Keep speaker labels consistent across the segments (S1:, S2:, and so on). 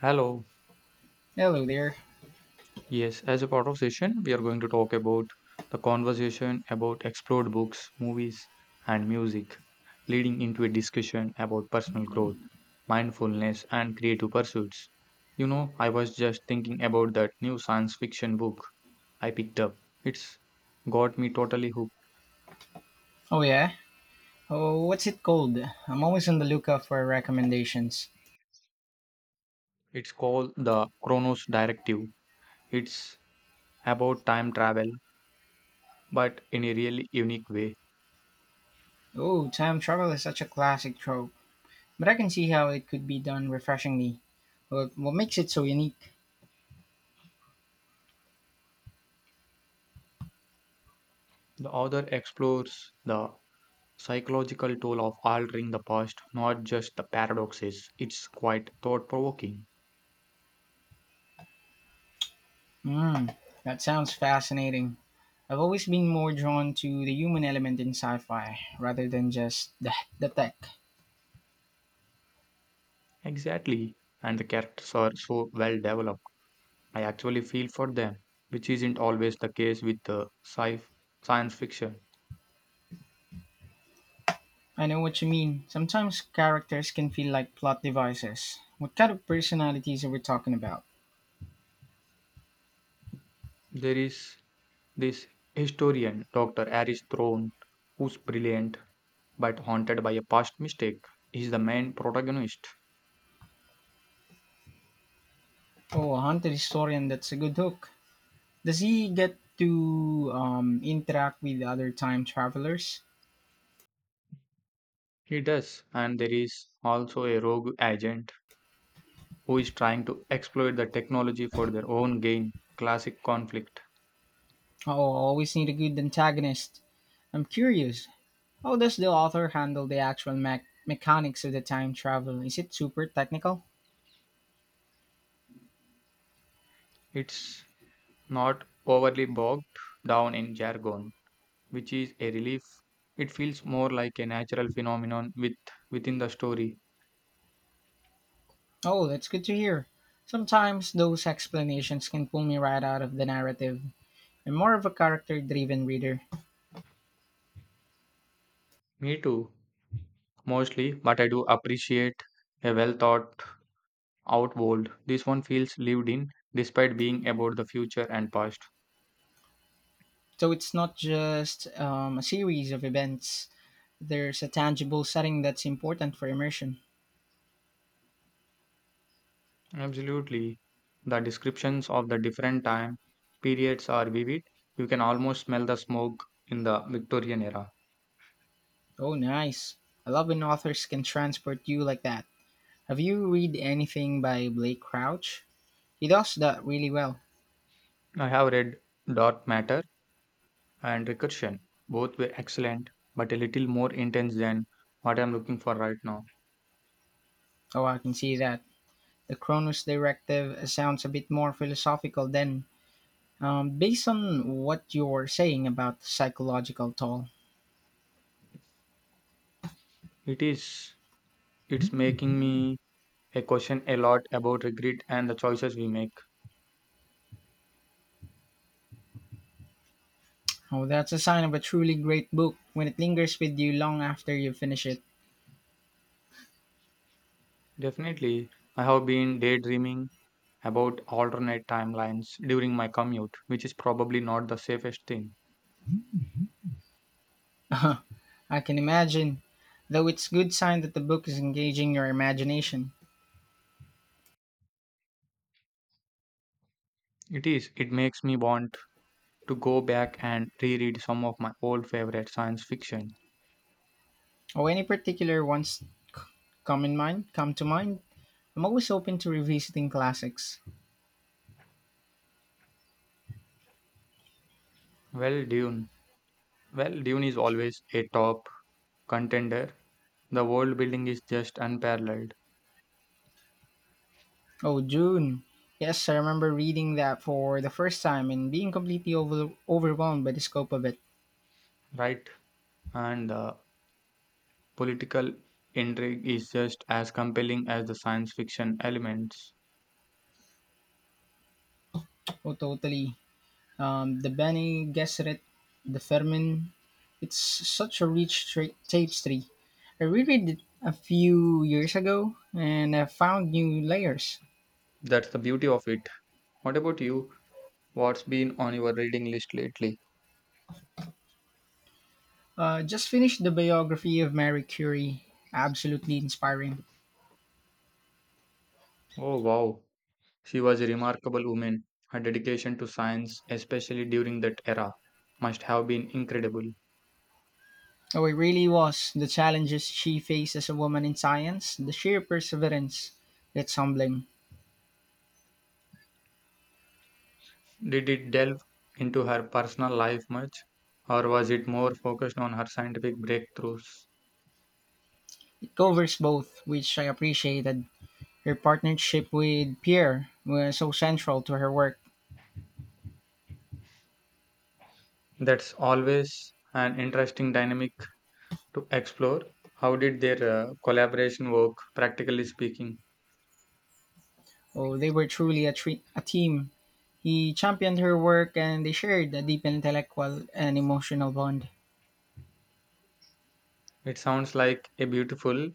S1: Hello.
S2: Hello there.
S1: Yes, as a part of session, we are going to talk about the conversation about explored books, movies, and music, leading into a discussion about personal growth, mindfulness, and creative pursuits. You know, I was just thinking about that new science fiction book I picked up. It's got me totally hooked.
S2: Oh, yeah? Oh, what's it called? I'm always on the lookout for recommendations.
S1: It's called The Chronos Directive. It's about time travel, but in a really unique way.
S2: Oh, time travel is such a classic trope, but I can see how it could be done refreshingly. What makes it so unique?
S1: The author explores the psychological tool of altering the past, not just the paradoxes. It's quite thought provoking.
S2: Hmm, that sounds fascinating. I've always been more drawn to the human element in sci fi rather than just the tech.
S1: Exactly. And the characters are so well developed. I actually feel for them, which isn't always the case with the science fiction.
S2: I know what you mean. Sometimes characters can feel like plot devices. What kind of personalities are we talking about?
S1: There is this historian, Dr. Aris Throne, who's brilliant but haunted by a past mistake. He's the main protagonist.
S2: Oh, a haunted historian, that's a good hook. Does he get to interact with other time travelers?
S1: He does, and there is also a rogue agent who is trying to exploit the technology for their own gain. Classic conflict.
S2: Oh, always need a good antagonist. I'm curious, how does the author handle the actual mechanics of the time travel? Is it super technical?
S1: It's not overly bogged down in jargon, which is a relief. It feels more like a natural phenomenon within the story.
S2: Oh, that's good to hear. Sometimes those explanations can pull me right out of the narrative. I'm more of a character driven reader.
S1: Me too, mostly, but I do appreciate a well thought out world. This one feels lived in despite being about the future and past.
S2: So it's not just a series of events, there's a tangible setting that's important for immersion.
S1: Absolutely. The descriptions of the different time periods are vivid. You can almost smell the smoke in the Victorian era.
S2: Oh, nice. I love when authors can transport you like that. Have you read anything by Blake Crouch? He does that really well.
S1: I have read Dark Matter and Recursion. Both were excellent, but a little more intense than what I'm looking for right now.
S2: Oh, I can see that. The Cronus Directive sounds a bit more philosophical than, based on what you're saying about the psychological toll.
S1: It is, it's making me a question a lot about regret and the choices we make.
S2: Oh, that's a sign of a truly great book when it lingers with you long after you finish it.
S1: Definitely, I have been daydreaming about alternate timelines during my commute, which is probably not the safest thing.
S2: I can imagine, though it's good sign that the book is engaging your imagination.
S1: It is. It makes me want to go back and reread some of my old favorite science fiction.
S2: Oh, any particular ones come in mind? Come to mind? I'm always open to revisiting classics.
S1: Well, Dune. Well, Dune is always a top contender. The world building is just unparalleled,
S2: Oh, June! Yes, I remember reading that for the first time and being completely overwhelmed by the scope of it.
S1: right? And the political intrigue is just as compelling as the science fiction elements.
S2: Oh, totally. The Bene Gesserit, the Fermin. It's such a rich tapestry. I reread it a few years ago and I found new layers.
S1: That's the beauty of it. What about you? What's been on your reading list lately?
S2: Just finished the biography of Mary Curie. Absolutely inspiring.
S1: Oh, wow. She was a remarkable woman. Her dedication to science, especially during that era, must have been incredible.
S2: Oh, it really was. The challenges she faced as a woman in science, the sheer perseverance. It's humbling.
S1: Did it delve into her personal life much, or was it more focused on her scientific breakthroughs?
S2: It covers both, which I appreciated. Her partnership with Pierre was so central to her work.
S1: That's always an interesting dynamic to explore. How did their collaboration work, practically speaking?
S2: Oh, they were truly a team. He championed her work and they shared a deep intellectual and emotional bond.
S1: It sounds like a beautiful,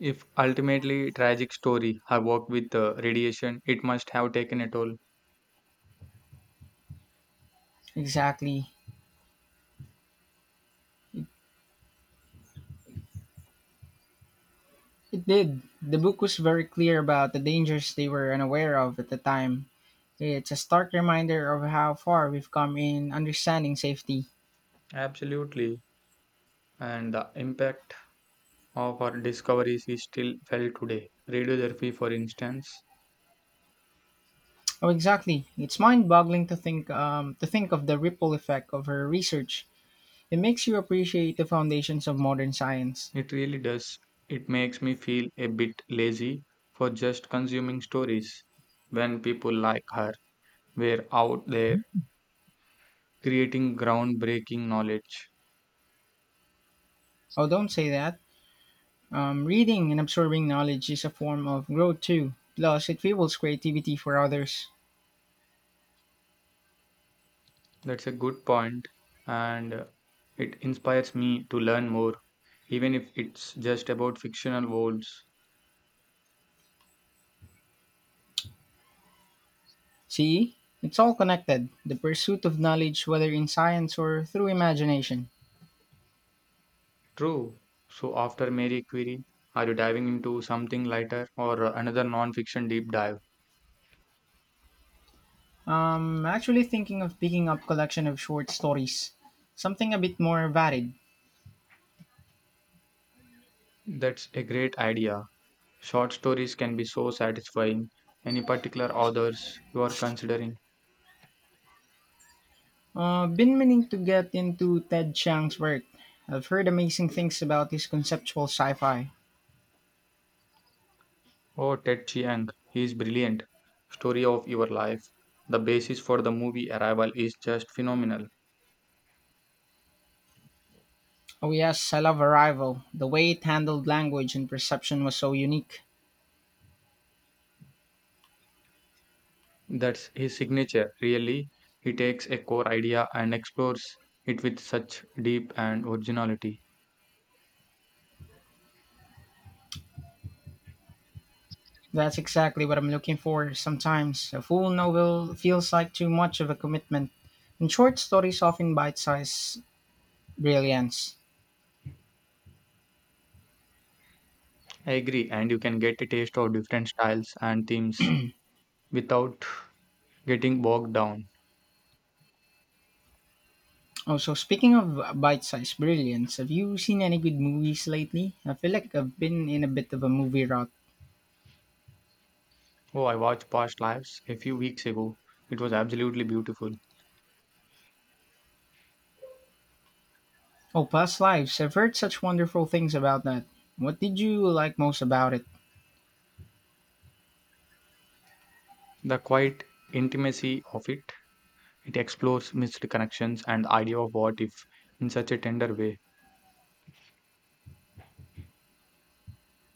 S1: if ultimately tragic story. Her work with radiation, it must have taken a toll.
S2: Exactly. It did. The book was very clear about the dangers they were unaware of at the time. It's a stark reminder of how far we've come in understanding safety.
S1: Absolutely. And the impact of our discoveries we still felt today. Radiotherapy, for instance,
S2: Oh, exactly. It's mind-boggling to think of the ripple effect of her research. It makes you appreciate the foundations of modern science.
S1: it really does. It makes me feel a bit lazy for just consuming stories. When people like her were out there creating groundbreaking knowledge.
S2: Oh, don't say that. Reading and absorbing knowledge is a form of growth too. Plus, it fuels creativity for others.
S1: That's a good point, and it inspires me to learn more, even if it's just about fictional worlds.
S2: See, it's all connected. The pursuit of knowledge, whether in science or through imagination.
S1: True. So, after Mary Curie, are you diving into something lighter or another non fiction deep dive?
S2: I'm actually thinking of picking up collection of short stories, something a bit more varied.
S1: That's a great idea. Short stories can be so satisfying. Any particular authors you are considering?
S2: Been meaning to get into Ted Chiang's work. I've heard amazing things about his conceptual sci-fi.
S1: Oh, Ted Chiang, he is brilliant. Story of your life. The basis for the movie Arrival is just phenomenal.
S2: Oh yes, I love Arrival. The way it handled language and perception was so unique.
S1: That's his signature, really. He takes a core idea and explores it with such deep and originality.
S2: That's exactly what I'm looking for sometimes. A full novel feels like too much of a commitment, and short stories often bite-sized brilliance.
S1: I agree, and you can get a taste of different styles and themes without getting bogged down.
S2: Also, speaking of bite-sized brilliance, have you seen any good movies lately? I feel like I've been in a bit of a movie rut.
S1: Oh, I watched Past Lives a few weeks ago. It was absolutely beautiful.
S2: Oh, past lives. I've heard such wonderful things about that. What did you like most about it?
S1: The quiet intimacy of it, it explores missed connections and the idea of what if in such a tender way.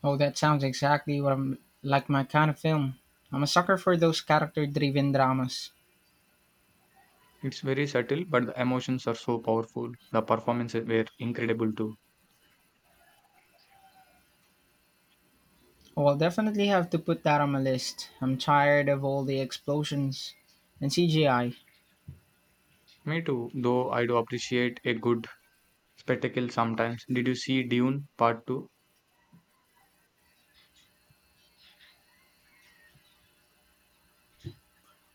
S2: Oh, that sounds exactly what I'm like my kind of film. I'm a sucker for those character driven dramas.
S1: It's very subtle, but the emotions are so powerful. The performances were incredible too.
S2: Oh, I'll definitely have to put that on my list. I'm tired of all the explosions and CGI. I
S1: Me too, though I do appreciate a good spectacle sometimes. Did you see Dune Part 2?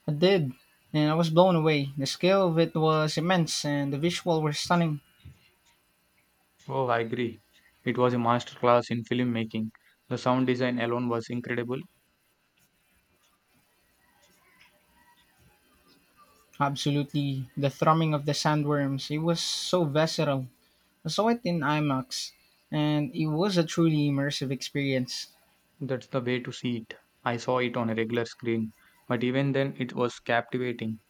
S2: I did, and I was blown away. The scale of it was immense, and the visual were stunning.
S1: Oh, I agree. It was a masterclass in filmmaking. The sound design alone was incredible.
S2: Absolutely, the thrumming of the sandworms, it was so visceral. So I saw it in IMAX, and it was a truly immersive experience.
S1: That's the way to see it. I saw it on a regular screen, but even then it was captivating.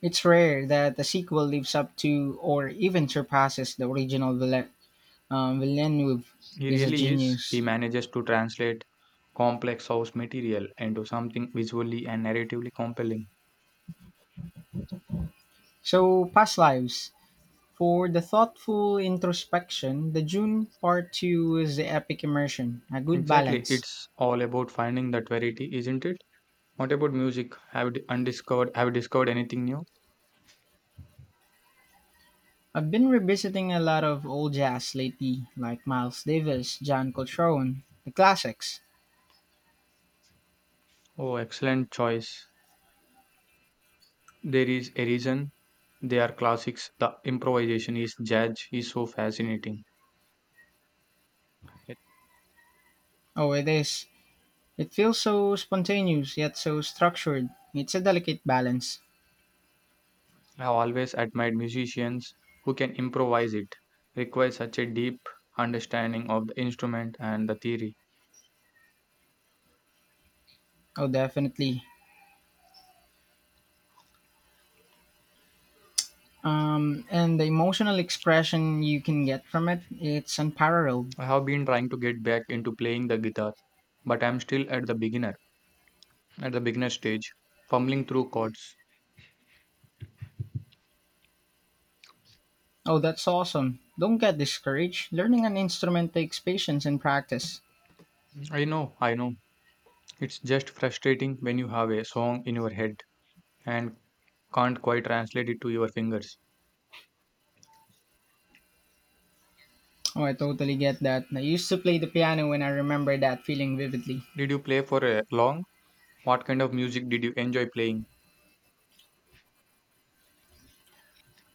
S2: It's rare that a sequel lives up to or even surpasses the original. Villeneuve
S1: He
S2: is a
S1: really is. He
S2: genius.
S1: manages to translate complex source material into something visually and narratively compelling.
S2: So, past lives. For the thoughtful introspection, the June Part 2 is the epic immersion, a good
S1: Exactly,
S2: balance.
S1: it's all about finding that variety, isn't it? What about music? Have you discovered anything new?
S2: I've been revisiting a lot of old jazz lately, like Miles Davis, John Coltrane, the classics.
S1: Oh, excellent choice. There is a reason they are classics. The improvisation is jazz is so fascinating.
S2: Oh, it is. It feels so spontaneous yet so structured. It's a delicate balance.
S1: I have always admired musicians who can improvise it, requires such a deep understanding of the instrument and the theory.
S2: Oh, definitely. And the emotional expression you can get from it, it's unparalleled.
S1: I have been trying to get back into playing the guitar, but I'm still at the beginner stage, fumbling through chords.
S2: Oh, that's awesome. Don't get discouraged. Learning an instrument takes patience and practice.
S1: I know. It's just frustrating when you have a song in your head and can't quite translate it to your fingers.
S2: Oh, I totally get that. I used to play the piano and I remember that feeling vividly.
S1: Did you play for a long? What kind of music did you enjoy playing?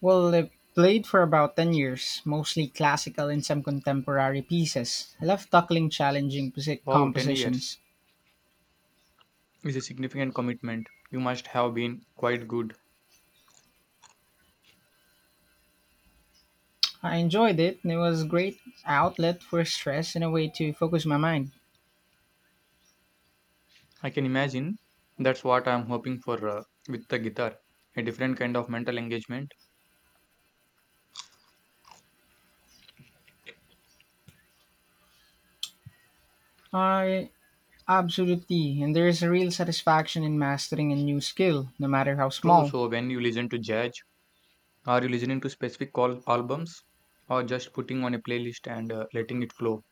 S2: Well, I played for about 10 years, mostly classical and some contemporary pieces. I love tackling challenging
S1: Wow, 10 years
S2: compositions.
S1: is a significant commitment. You must have been quite good.
S2: I enjoyed it. And it was a great outlet for stress and a way to focus my mind.
S1: I can imagine that's what I'm hoping for with the guitar a different kind of mental engagement.
S2: I absolutely, and there is a real satisfaction in mastering a new skill, no matter how
S1: True,
S2: small.
S1: so when you listen to jazz, are you listening to specific call albums or just putting on a playlist and letting it flow?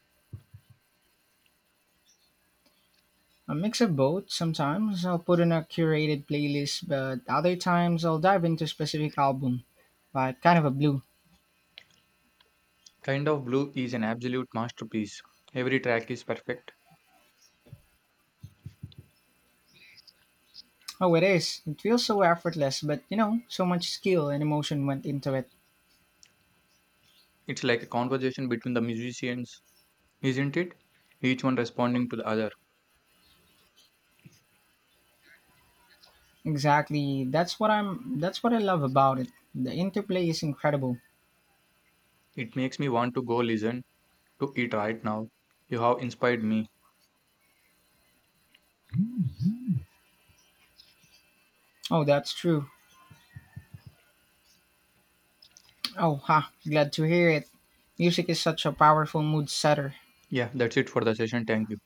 S2: A mix of both. Sometimes I'll put in a curated playlist, but other times I'll dive into a specific album, like kind of a blue.
S1: Kind of Blue is an absolute masterpiece. Every track is perfect.
S2: Oh, it is. It feels so effortless, but you know, so much skill and emotion went into it.
S1: It's like a conversation between the musicians, isn't it? Each one responding to the other.
S2: Exactly. That's what I love about it. The interplay is incredible.
S1: It makes me want to go listen to it right now. You have inspired me.
S2: Oh, that's true. Oh, ha. Glad to hear it. Music is such a powerful mood setter.
S1: Yeah, that's it for the session. Thank you.